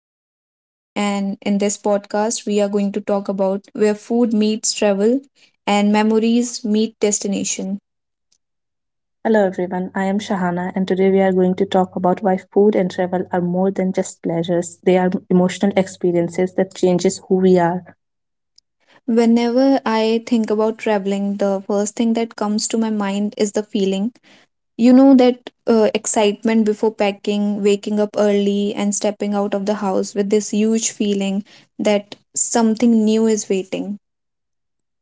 I am Yashashvi and in this podcast we are going to talk about where food meets travel and memories meet destination. Hello everyone, I am Shahana, and today we are going to talk about why food and travel are more than just pleasures. They are emotional experiences that changes who we are. Whenever I think about traveling, the first thing that comes to my mind is the feeling. You know that excitement before packing, waking up early and stepping out of the house with this huge feeling that something new is waiting.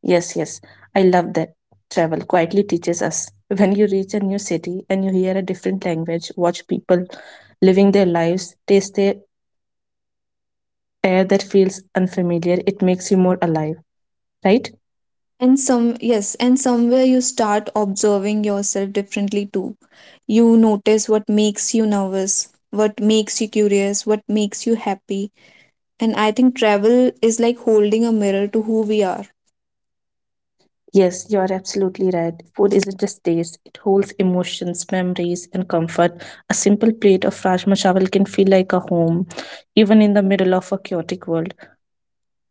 Yes, yes, I love that. Travel quietly teaches us. When you reach a new city and you hear a different language, watch people living their lives, taste the air that feels unfamiliar, it makes you more alive, right? Yes, and somewhere you start observing yourself differently too. You notice what makes you nervous, what makes you curious, what makes you happy. And I think travel is like holding a mirror to who we are. Yes, you are absolutely right. Food isn't just taste, it holds emotions, memories, and comfort. A simple plate of Rajma Chawal can feel like a home, even in the middle of a chaotic world.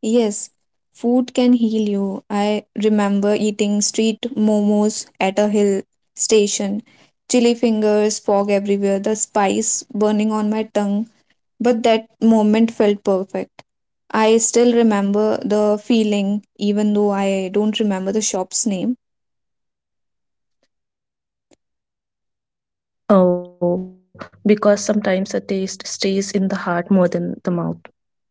Yes, food can heal you. I remember eating street momos at a hill station, chili fingers, fog everywhere, the spice burning on my tongue, but that moment felt perfect. I still remember the feeling, even though I don't remember the shop's name. Oh, because sometimes a taste stays in the heart more than the mouth.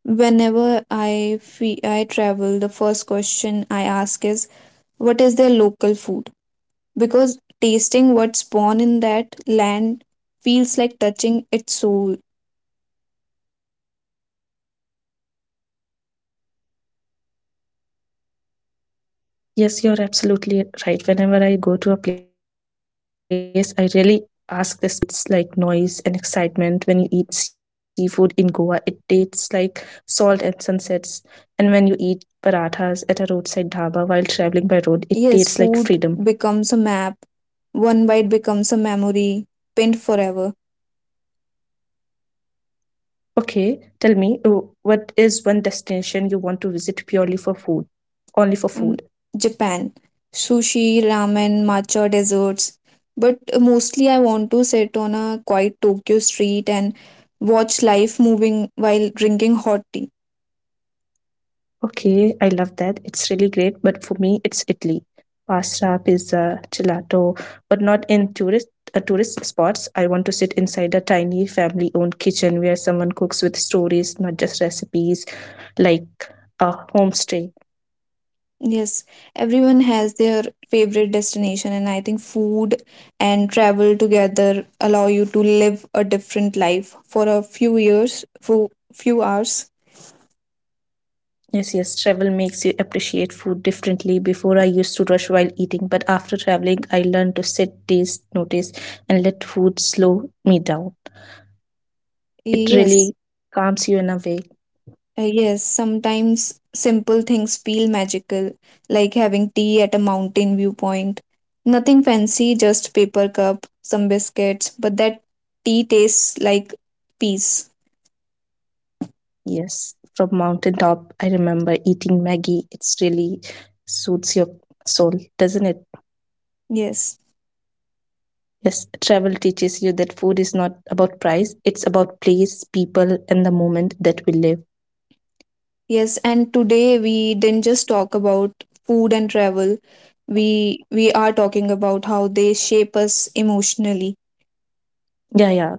I travel, the first question I ask is, "What is their local food?" Because tasting what's born in that land feels like touching its soul. Yes, you're absolutely right. Whenever I go to a place, I really ask this question. When you eat chaats in Delhi, it tastes like noise and excitement. When you eat seafood in Goa, it tastes like salt and sunsets. And when you eat parathas at a roadside dhaba while traveling by road, it tastes like freedom. Yes, food becomes a map. One bite becomes a memory, pinned forever. Okay, tell me, what is one destination you want to visit purely for food? Only for food. um, Japan. Sushi, ramen, matcha desserts. But mostly I want to sit on a quiet Tokyo street and watch life moving while drinking hot tea. Okay, I love that. It's really great, but for me, it's Italy. Pasta, pizza, gelato, but not in tourist spots. I want to sit inside a tiny family-owned kitchen where someone cooks with stories, not just recipes, like a homestay. Yes, everyone has their favorite destination, and I think food and travel together allow you to live a different life for a few years, for few hours. Yes, yes, travel makes you appreciate food differently. Before I used to rush while eating, but after traveling, I learned to sit, taste, notice, and let food slow me down. It Yes. really calms you in a way. Yes, sometimes simple things feel magical, like having tea at a mountain viewpoint. Nothing fancy, just paper cup, some biscuits, but that tea tastes like peace. Yes, from mountaintop, I remember eating Maggie. It's really suits your soul, doesn't it? Yes. Yes, travel teaches you that food is not about price, it's about place, people, and the moment that we live. Yes, and today we didn't just talk about food and travel. We are talking about how they shape us emotionally. Yeah, yeah.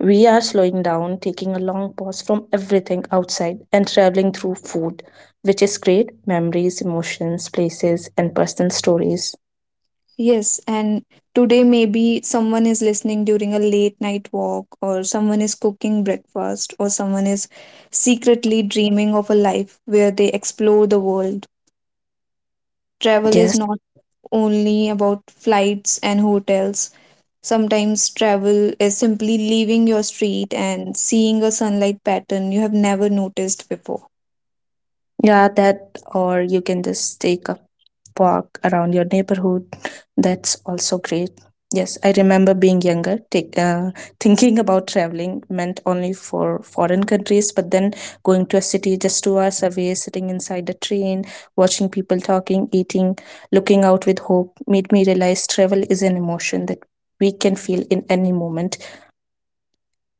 We are slowing down, taking a long pause from everything outside and traveling through food, which is great memories, emotions, places, and personal stories. Yes, and today maybe someone is listening during a late night walk, or someone is cooking breakfast, or someone is secretly dreaming of a life where they explore the world. Travel is Yes. not only about flights and hotels. Sometimes travel is simply leaving your street and seeing a sunlight pattern you have never noticed before. Yeah, that, or you can just take a park around your neighborhood. That's also great. Yes, I remember being younger, thinking about traveling meant only for foreign countries, but then going to a city just 2 hours away, sitting inside the train, watching people talking, eating, looking out with hope made me realize travel is an emotion that we can feel in any moment.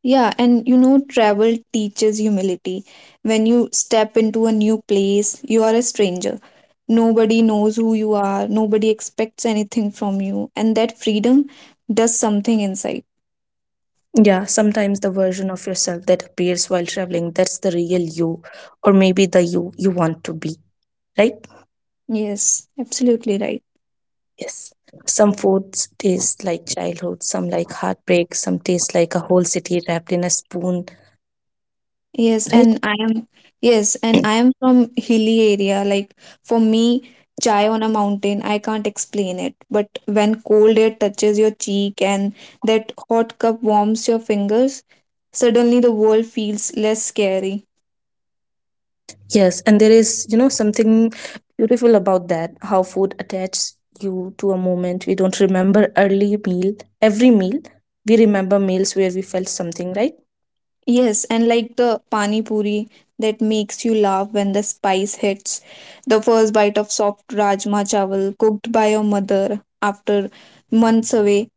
Yeah, and you know, travel teaches humility. When you step into a new place, you are a stranger. Nobody knows who you are, nobody expects anything from you, and that freedom does something inside. Yeah, sometimes the version of yourself that appears while traveling, that's the real you, or maybe the you you want to be, right? Yes, absolutely right. Yes. Some foods taste like childhood, some like heartbreak, some taste like a whole city wrapped in a spoon, Yes, right? and I am yes, and I am from hilly area. Like for me, chai on a mountain, I can't explain it. But when cold air touches your cheek and that hot cup warms your fingers, suddenly the world feels less scary. Yes, and there is, something beautiful about that, how food attaches you to a moment. We don't remember early meal, every meal. We remember meals where we felt something, right? Yes, and like the pani puri that makes you laugh when the spice hits. The first bite of soft rajma chawal cooked by your mother after months away,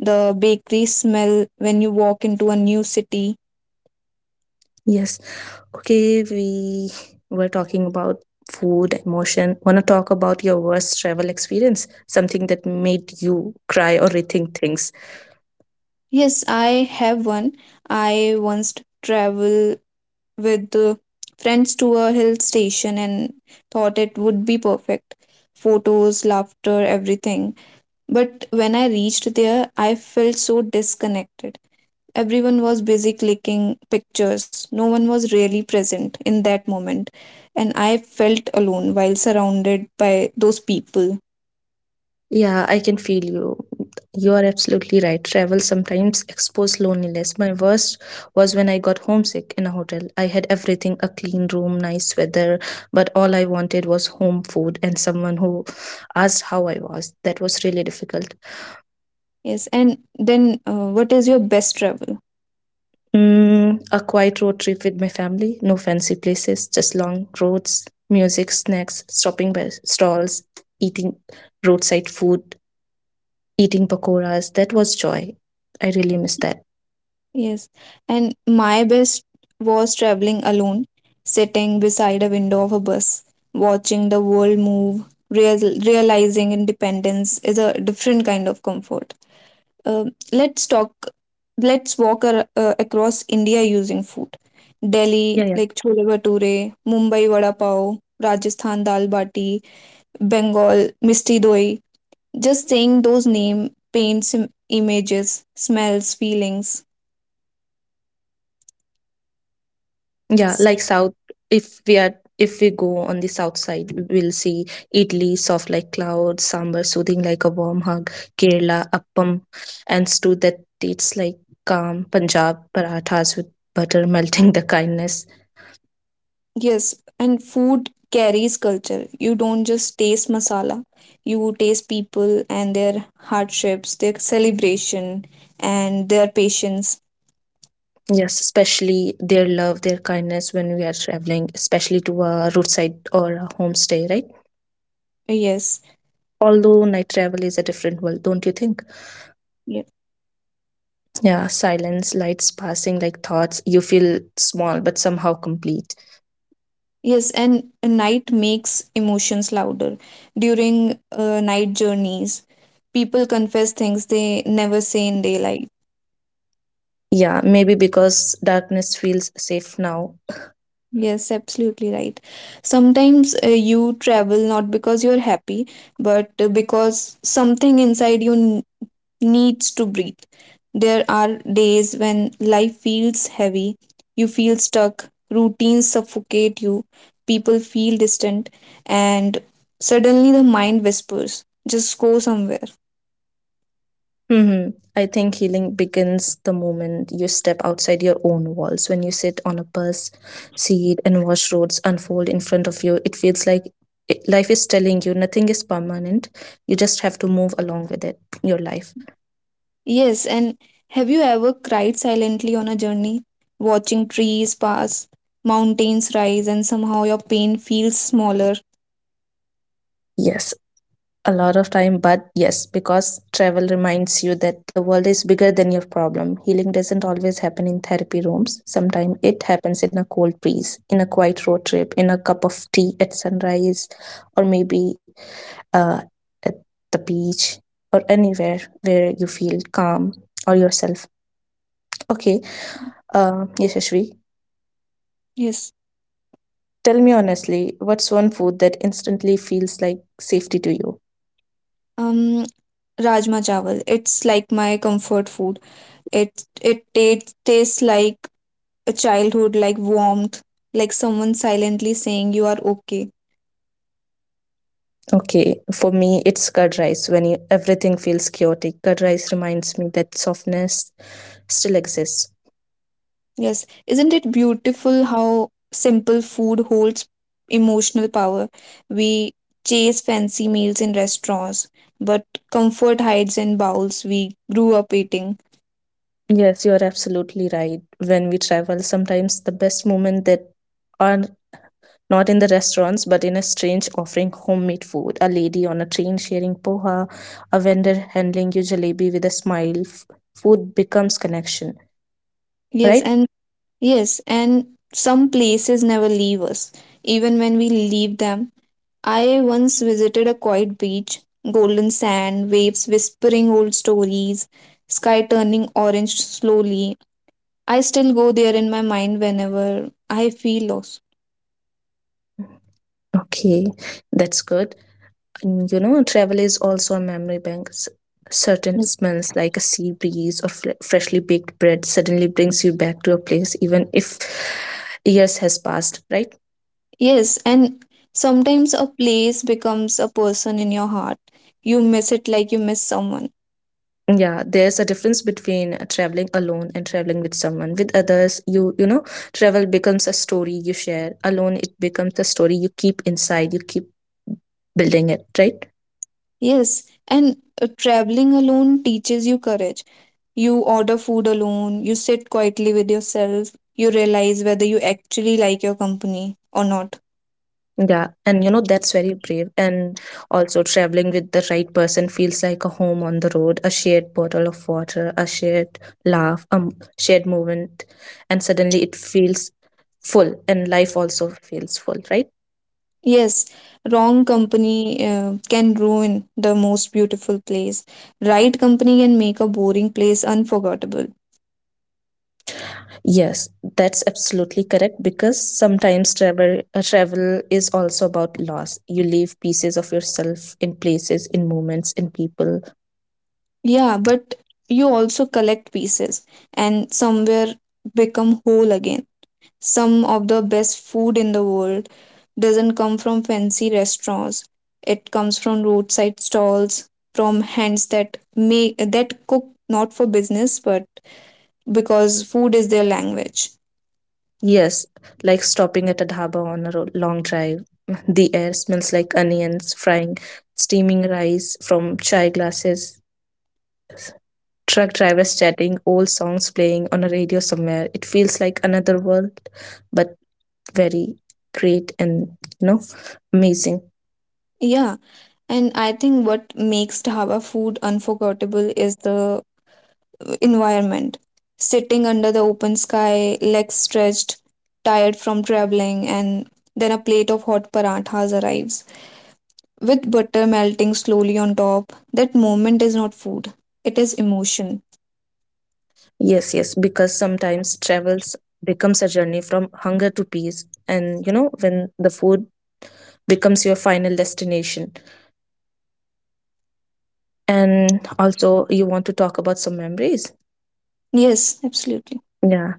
the bakery smell when you walk into a new city. Yes. Okay, we were talking about food, emotion. Wanna talk about your worst travel experience? Something that made you cry or rethink things. Yes, I have one. I once traveled with friends to a hill station and thought it would be perfect. Photos, laughter, everything. But when I reached there, I felt so disconnected. Everyone was busy clicking pictures. No one was really present in that moment. And I felt alone while surrounded by those people. Yeah, I can feel you. You are absolutely right. Travel sometimes exposes loneliness. My worst was when I got homesick in a hotel. I had everything, a clean room, nice weather, but all I wanted was home food and someone who asked how I was. That was really difficult. Yes, and then what is your best travel? A quiet road trip with my family, no fancy places, just long roads, music, snacks, stopping by stalls, eating roadside food, eating pakoras. That was joy. I really miss that. Yes, and my best was traveling alone, sitting beside a window of a bus, watching the world move, realizing independence is a different kind of comfort. Uh, let's talk, let's walk across India using food. Delhi, Yeah, yeah. like chole bhature, Mumbai vada pav, Rajasthan dal bati, Bengal misti doi, just saying those name paints images, smells, feelings. Yeah, like south. If we go on the south side, we will see Idli soft like clouds, sambar soothing like a warm hug, Kerala appam, and stew that tastes like calm, Punjab parathas with butter melting the kindness. Yes, and food carries culture. You don't just taste masala, you taste people and their hardships, their celebration, and their patience. Yes, especially their love, their kindness when we are traveling, especially to a roadside or a homestay, right? yes Although night travel is a different world, don't you think? ye- Yeah, silence, lights passing like thoughts. You feel small but somehow complete. yes, and night makes emotions louder during night journeys. People confess things they never say in daylight. Yeah, maybe because darkness feels safe now. Yes, absolutely right. Sometimes you travel not because you're happy, but because something inside you needs to breathe. There are days when life feels heavy, you feel stuck, routines suffocate you, people feel distant, and suddenly the mind whispers, just go somewhere. I think healing begins the moment you step outside your own walls. When you sit on a bus seat and watch roads unfold in front of you, it feels like life is telling you nothing is permanent. You just have to move along with it, your life. Yes, and have you ever cried silently on a journey, watching trees pass, mountains rise, and somehow your pain feels smaller? Yes, a lot of time, but yes, because travel reminds you that the world is bigger than your problem. Healing doesn't always happen in therapy rooms. Sometimes it happens in a cold breeze, in a quiet road trip, in a cup of tea at sunrise, or maybe uh, at the beach, or anywhere where you feel calm or yourself. Okay, Yashashvi, Yes. tell me honestly, what's one food that instantly feels like safety to you? Um, Rajma chawal. It's like my comfort food. It tastes like a childhood, like warmth, like someone silently saying you are okay. Okay, for me, it's curd rice. When everything feels chaotic, curd rice reminds me that softness still exists. Yes, isn't it beautiful how simple food holds emotional power? We chase fancy meals in restaurants, but comfort hides in bowls we grew up eating. Yes, you are absolutely right. When we travel, sometimes the best moment that are not in the restaurants but in a strange offering homemade food. A lady on a train sharing poha, a vendor handling you jalebi with a smile. Food becomes connection, Yes, right? and yes, and some places never leave us, even when we leave them. I once visited a quiet beach, golden sand, waves whispering old stories, sky turning orange slowly. I still go there in my mind whenever I feel lost. Okay, that's good. Travel is also a memory bank. Certain smells like a sea breeze or freshly baked bread suddenly brings you back to a place, even if years has passed, right? Yes, and sometimes a place becomes a person in your heart. You miss it like you miss someone. Yeah, there's a difference between traveling alone and traveling with someone. With others, travel becomes a story you share. Alone, it becomes a story you keep inside. You keep building it, right? Yes, and traveling alone teaches you courage. You order food alone, you sit quietly with yourself, you realize whether you actually like your company or not. Yeah, and you know that's very brave. And also traveling with the right person feels like a home on the road, a shared bottle of water, a shared laugh, a shared moment, and suddenly it feels full and life also feels full, right? Yes, wrong company can ruin the most beautiful place. Right company can make a boring place unforgettable. Yes, that's absolutely correct because sometimes travel is also about loss. You leave pieces of yourself in places, in moments, in people. Yeah, but you also collect pieces and somewhere become whole again. Some of the best food in the world doesn't come from fancy restaurants. It comes from roadside stalls, from hands that make that cook not for business but because food is their language. Yes, like stopping at a dhaba on a long drive. The air smells like onions frying, steaming rice from chai glasses, truck drivers chatting, old songs playing on a radio somewhere. It feels like another world, but very great, and you know amazing. Yeah. And I think what makes Dhaba food unforgettable is the environment. Sitting under the open sky, legs stretched, tired from traveling, and then a plate of hot parathas arrives. With butter melting slowly on top, that moment is not food, it is emotion. Yes, yes, because sometimes travels becomes a journey from hunger to peace, and when the food becomes your final destination. And also, you want to talk about some memories. Yes, absolutely. Yeah.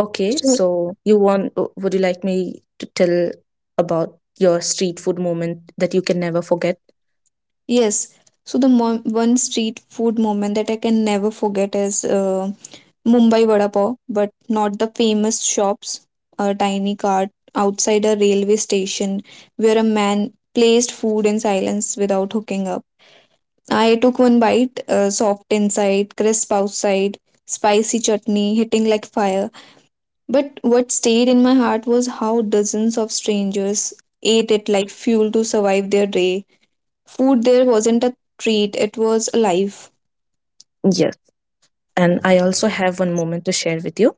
Okay. So, So you want? Would you like me to tell about your street food moment that you can never forget? yes. So, one street food moment that I can never forget is Mumbai vada pav, but not the famous shops. A tiny cart outside a railway station where a man placed food in silence without hooking up. I took one bite, soft inside, crisp outside, spicy chutney hitting like fire. But what stayed in my heart was how dozens of strangers ate it like fuel to survive their day. Food there wasn't a treat, it was a life. Yes. And I also have one moment to share with you.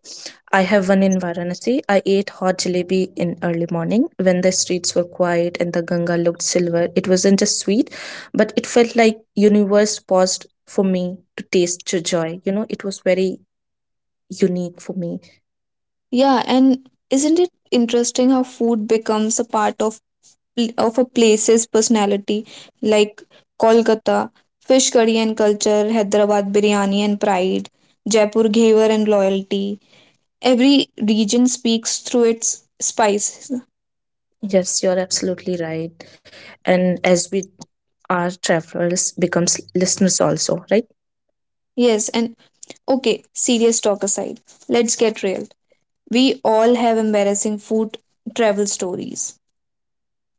I have one in Varanasi. I ate hot jalebi in early morning when the streets were quiet and the Ganga looked silver. It wasn't just sweet, but it felt like universe paused for me to taste the joy. It was very unique for me. Yeah, and isn't it interesting how food becomes a part of of a place's personality, like Kolkata, fish curry and culture, Hyderabad biryani and pride, Jaipur ghewar and loyalty. Every region speaks through its spices. Yes, you're absolutely right. And as we are travelers, becomes listeners also, right? Yes, and okay, serious talk aside, let's get real. We all have embarrassing food travel stories.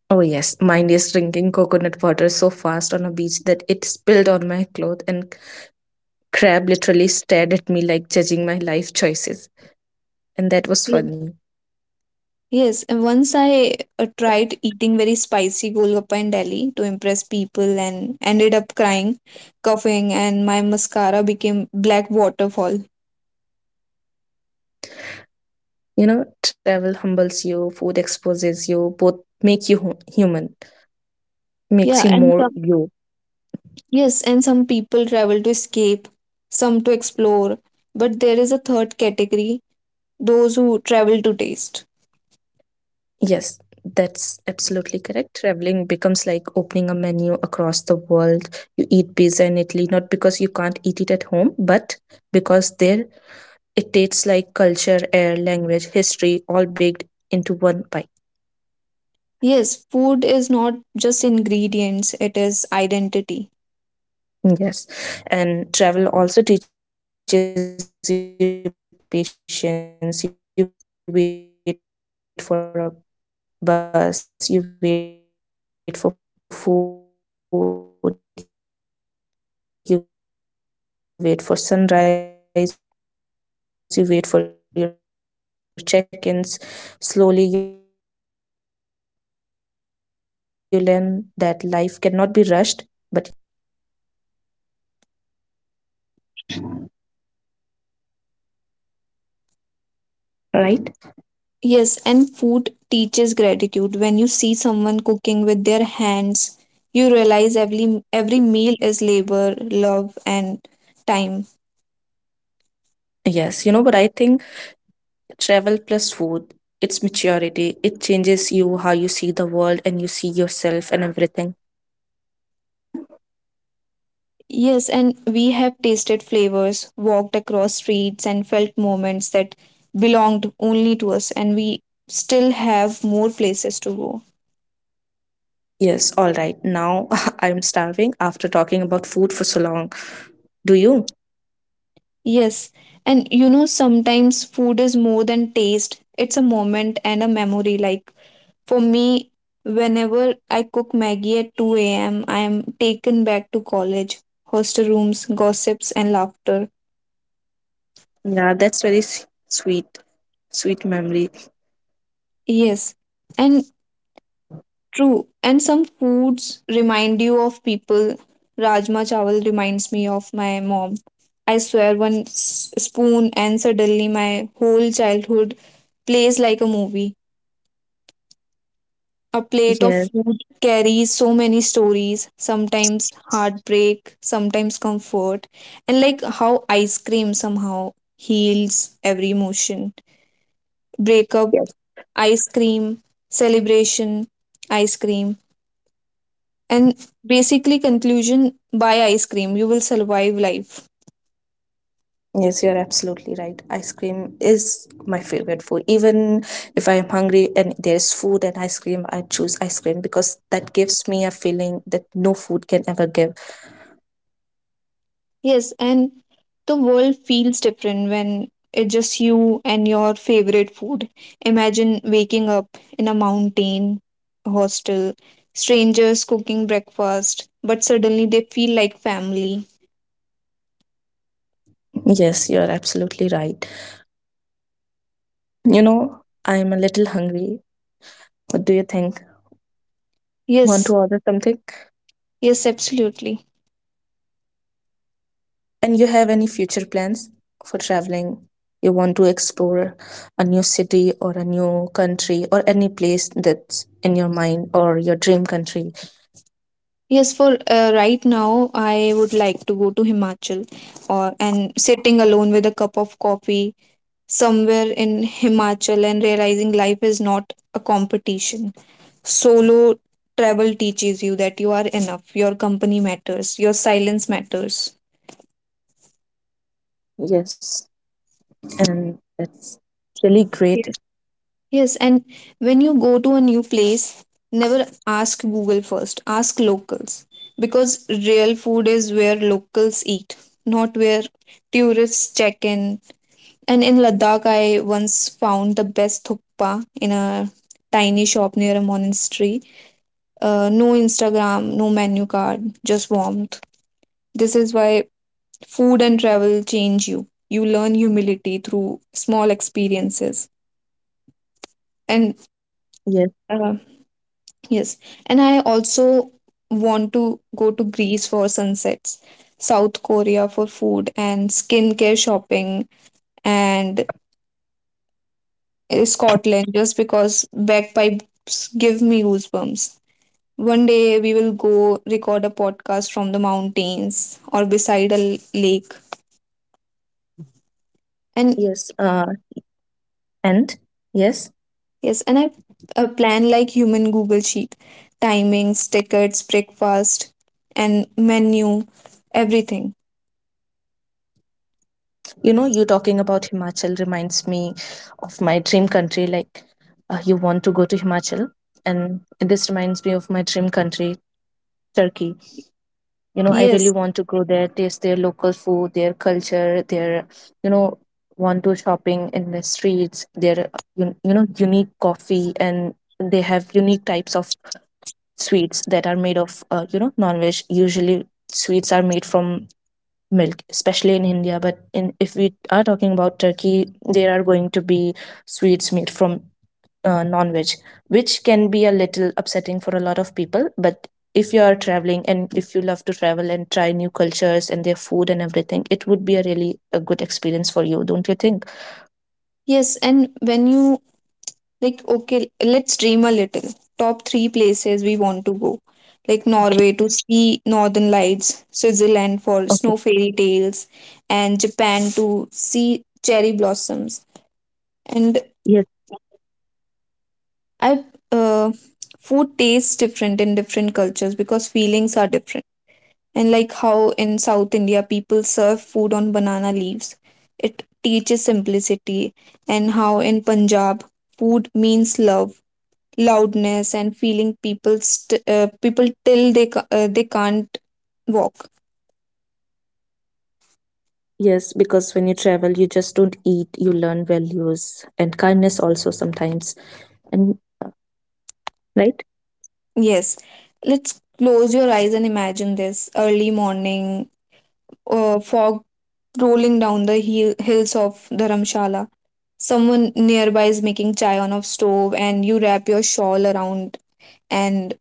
Oh yes, mine is drinking coconut water so fast on a beach that it spilled on my cloth and crab literally stared at me like judging my life choices. And that was funny. Yes, and once I tried eating very spicy golgappa in Delhi to impress people and ended up crying, coughing, and my mascara became black waterfall. Travel humbles you, food exposes you, both make you human, makes you Yeah, and more some, you. yes, and some people travel to escape, some to explore, but there is a third category, those who travel to taste. Yes, that's absolutely correct. Traveling becomes like opening a menu across the world. You eat pizza in Italy, not because you can't eat it at home, but because there it tastes like culture, air, language, history, all baked into one bite. Yes, food is not just ingredients, it is identity. Yes. And travel also teaches you patience. You wait for a bus, you wait for food, you wait for sunrise, you wait for your check ins. Slowly, you learn that life cannot be rushed, but you have to have patience. You have to go with life's flow, right, right? Yes, and food teaches gratitude. When you see someone cooking with their hands, you realize every meal is labor, love, and time. Yes, but I think travel plus food, it's maturity. It changes you how you see the world and you see yourself and everything. Yes, and we have tasted flavors, walked across streets, and felt moments that belonged only to us, and we still have more places to go. Yes, all right. Now I'm starving after talking about food for so long. Do you? Yes, and you know, sometimes food is more than taste, it's a moment and a memory, like for me, whenever I cook Maggie at 2 a.m., I am taken back to college, hostel rooms, gossips, and laughter. Yeah, that's very sweet, sweet memory. Yes, and true. And some foods remind you of people. Rajma chawal reminds me of my mom. I swear one spoon, and suddenly my whole childhood plays like a movie. A plate of Yes, food carries so many stories, sometimes heartbreak, sometimes comfort, and like how ice cream somehow heals every emotion. Breakup, yes, ice cream, celebration, ice cream, and basically conclusion by ice cream. You will survive life. yes, you're absolutely right. Ice cream is my favorite food. Even if I am hungry and there's food and ice cream, I choose ice cream because that gives me a feeling that no food can ever give. Yes, and the world feels different when it's just you and your favorite food. Imagine waking up in a mountain hostel, strangers cooking breakfast, but suddenly they feel like family. Yes, you're absolutely right. I'm a little hungry. What do you think? Want to Yes, order something? yes, absolutely. And you have any future plans for traveling? You want to explore a new city or a new country or any place that's in your mind or your dream country? Yes, for right now, I would like to go to Himachal or and sitting alone with a cup of coffee somewhere in Himachal and realizing life is not a competition. Solo travel teaches you that you are enough, your company matters, your silence matters. Yes, and that's really great. Yes. Yes, and when you go to a new place, never ask Google first, ask locals because real food is where locals eat, not where tourists check in. And in Ladakh, I once found the best thukpa in a tiny shop near a monastery. No Instagram, no menu card, just warmth. This is why food and travel change you. You learn humility through small experiences. And Yes, uh, yes, and I also want to go to Greece for sunsets, South Korea for food and skincare shopping, and Scotland just because bagpipes give me goosebumps. One day we will go record a podcast from the mountains or beside a lake. And yes. And yes, yes, and I've a plan like human Google Sheet, timings, tickets, breakfast, and menu, everything. You talking about Himachal reminds me of my dream country. You want to go to Himachal, and this reminds me of my dream country, Turkey. You know, I really Yes, want to go there, taste their local food, their culture, their you know want to shopping in the streets, their you know unique coffee. And they have unique types of sweets that are made of you know, non-veg. Usually sweets are made from milk, especially in India, but in if we are talking about Turkey, there are going to be sweets made from non-veg, which can be a little upsetting for a lot of people. But if you are traveling and if you love to travel and try new cultures and their food and everything, it would be a really a good experience for you, don't you think? yes, and when you like, okay, let's dream a little. Top three places we want to go, like Norway to see northern lights, Switzerland for Okay. snow fairy tales, and Japan to see cherry blossoms. And Yes. I, uh, Food tastes different in different cultures because feelings are different. And like how in South India people serve food on banana leaves. It teaches simplicity, and how in Punjab food means love, loudness, and feeling people people till they they can't walk. Yes, because when you travel you just don't eat, you learn values and kindness also sometimes. And uh, right. Yes, let's close your eyes and imagine this early morning, fog rolling down the hills of Dharamshala. Someone nearby is making chai on a stove, and you wrap your shawl around and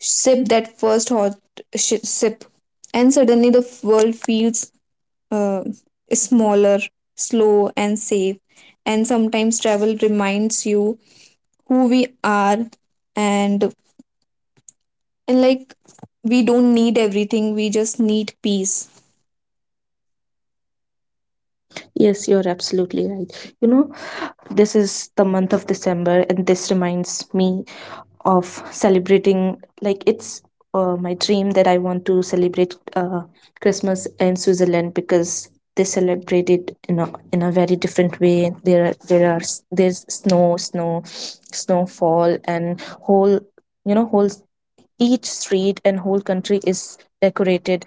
sip that first hot sip, and suddenly the world feels uh, smaller, slow and safe. And sometimes travel reminds you who we are, and and we don't need everything, we just need peace. Yes, you're absolutely right. You know, this is the month of December and this reminds me of celebrating. Like, it's my dream that I want to celebrate Christmas in Switzerland, because they celebrate it in a very different way. There's snow snowfall and whole, whole s- each street and whole country is decorated.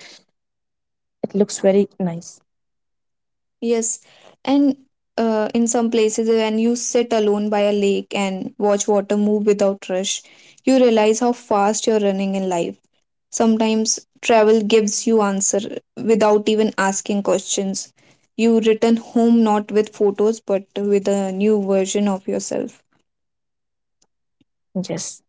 It looks very nice. Yes, and in some places, when you sit alone by a lake and watch water move without rush, you realize how fast you're running in life. Sometimes travel gives you answer without even asking questions. You return home not with photos but with a new version of yourself. Yes.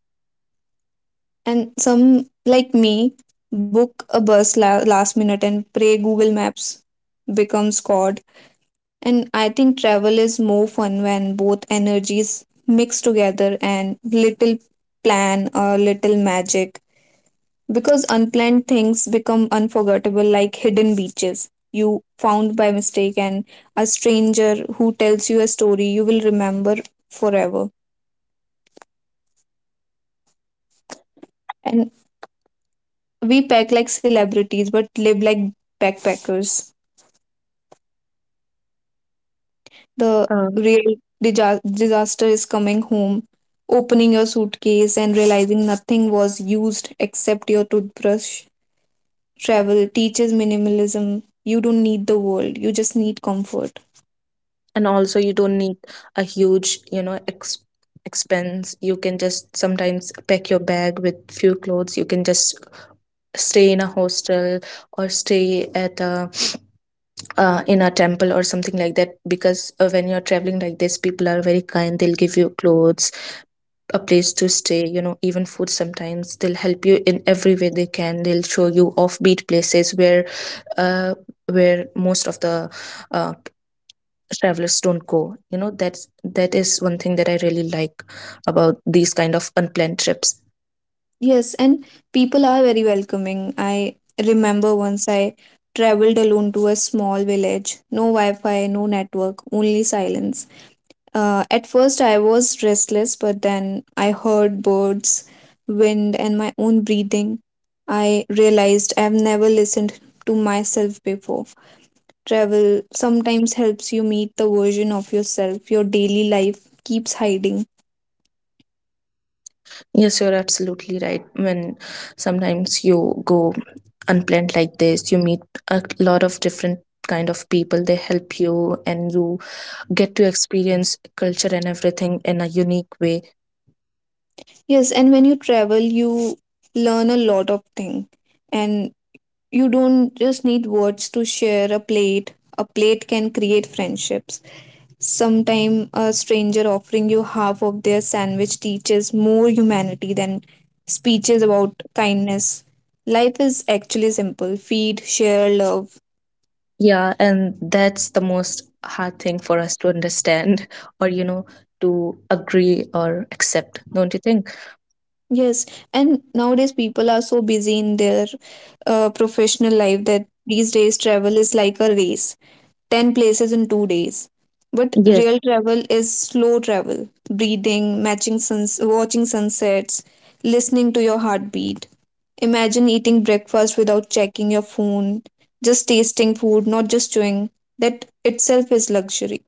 And some, like me, book a bus last minute and pray Google Maps becomes God. And I think travel is more fun when both energies mix together, and little plan or little magic, because unplanned things become unforgettable, like hidden beaches you found by mistake and a stranger who tells you a story you will remember forever. And we pack like celebrities but live like backpackers. The real disaster is coming home, opening your suitcase and realizing nothing was used except your toothbrush. Travel teaches minimalism. You don't need the world, you just need comfort. And also you don't need a huge, you know, ex- expense. You can just sometimes pack your bag with few clothes, you can just stay in a hostel or stay at a in a temple or something like that. Because when you're traveling like this, people are very kind, they'll give you clothes, a place to stay, you know, even food sometimes. They'll help you in every way they can. They'll show you offbeat places uh, where most of the uh, travelers don't go, you know. That is one thing that I really like about these kind of unplanned trips. Yes, and people are very welcoming. I remember once I traveled alone to a small village, no Wi Fi, no network, only silence. At first, I was restless, but then I heard birds, wind, and my own breathing. I realized I have never listened to myself before. Travel sometimes helps you meet the version of yourself your daily life keeps hiding. Yes, you're absolutely right. When sometimes you go unplanned like this, you meet a lot of different kind of people, they help you and you get to experience culture and everything in a unique way. Yes, and when you travel, you learn a lot of things, and you don't just need words to share a plate. A plate can create friendships. Sometime a stranger offering you half of their sandwich teaches more humanity than speeches about kindness. Life is actually simple: feed, share, love. Yeah, and that's the most hard thing for us to understand or you know, to agree or accept, don't you think? Yes, and nowadays people are so busy in their professional life that these days travel is like a race, 10 places in 2 days. But Yes. real travel is slow travel, breathing, matching suns, watching sunsets, listening to your heartbeat. Imagine eating breakfast without checking your phone, just tasting food, not just chewing. That itself is luxury.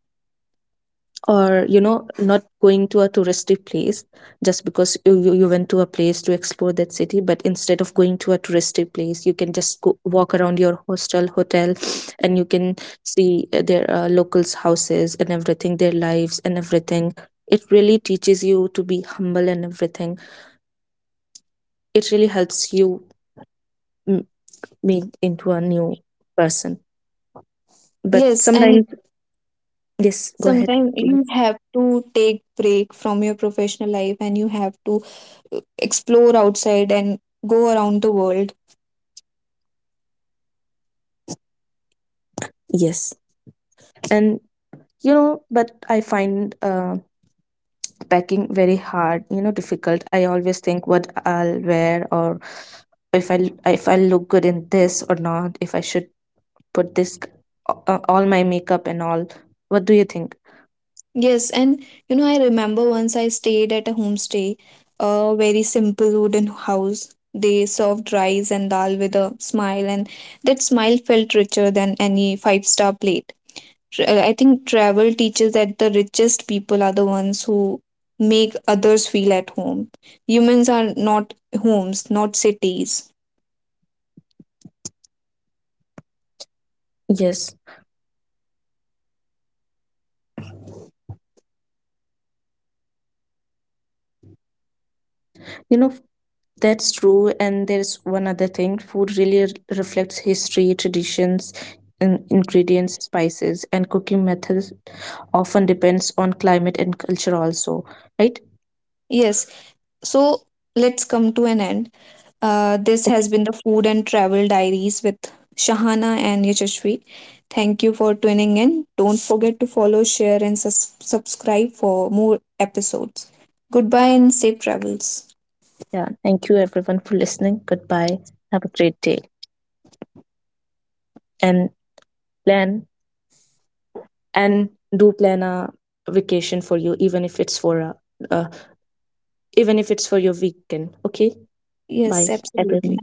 Or you know, not going to a touristy place just because you went to a place to explore that city. But instead of going to a touristy place, you can just go walk around your hostel, hotel. And you can see their locals houses and everything, their lives and everything. It really teaches you to be humble and everything. It really helps you m- make into a new person. But Yes, and sometimes, yes, go ahead, sometimes you please. have to take break from your professional life, and you have to explore outside and go around the world. Yes. And you know, but I find packing very hard, you know, difficult. I always think what I'll wear, or if I, if I look good in this or not, if I should put this all my makeup and all. What do you think? Yes, and you know, I remember once I stayed at a homestay, a very simple wooden house. They served rice and dal with a smile, and that smile felt richer than any five-star plate. I think travel teaches that the richest people are the ones who make others feel at home. Humans are not homes, not cities. Yes, you know, that's true. And there's one other thing, food really r- reflects history, traditions, and ingredients, spices, and cooking methods often depends on climate and culture also, right? Yes. So let's come to an end. This has been the Food and Travel Diaries with Shahana and Yashashvi. Thank you for tuning in. Don't forget to follow, share, and subscribe for more episodes. Goodbye and safe travels. Yeah, thank you everyone for listening. Goodbye, have a great day. And plan, and do plan a vacation for you, even if it's for a, uh, even if it's for your weekend, okay? Yes, Bye, absolutely. everyone.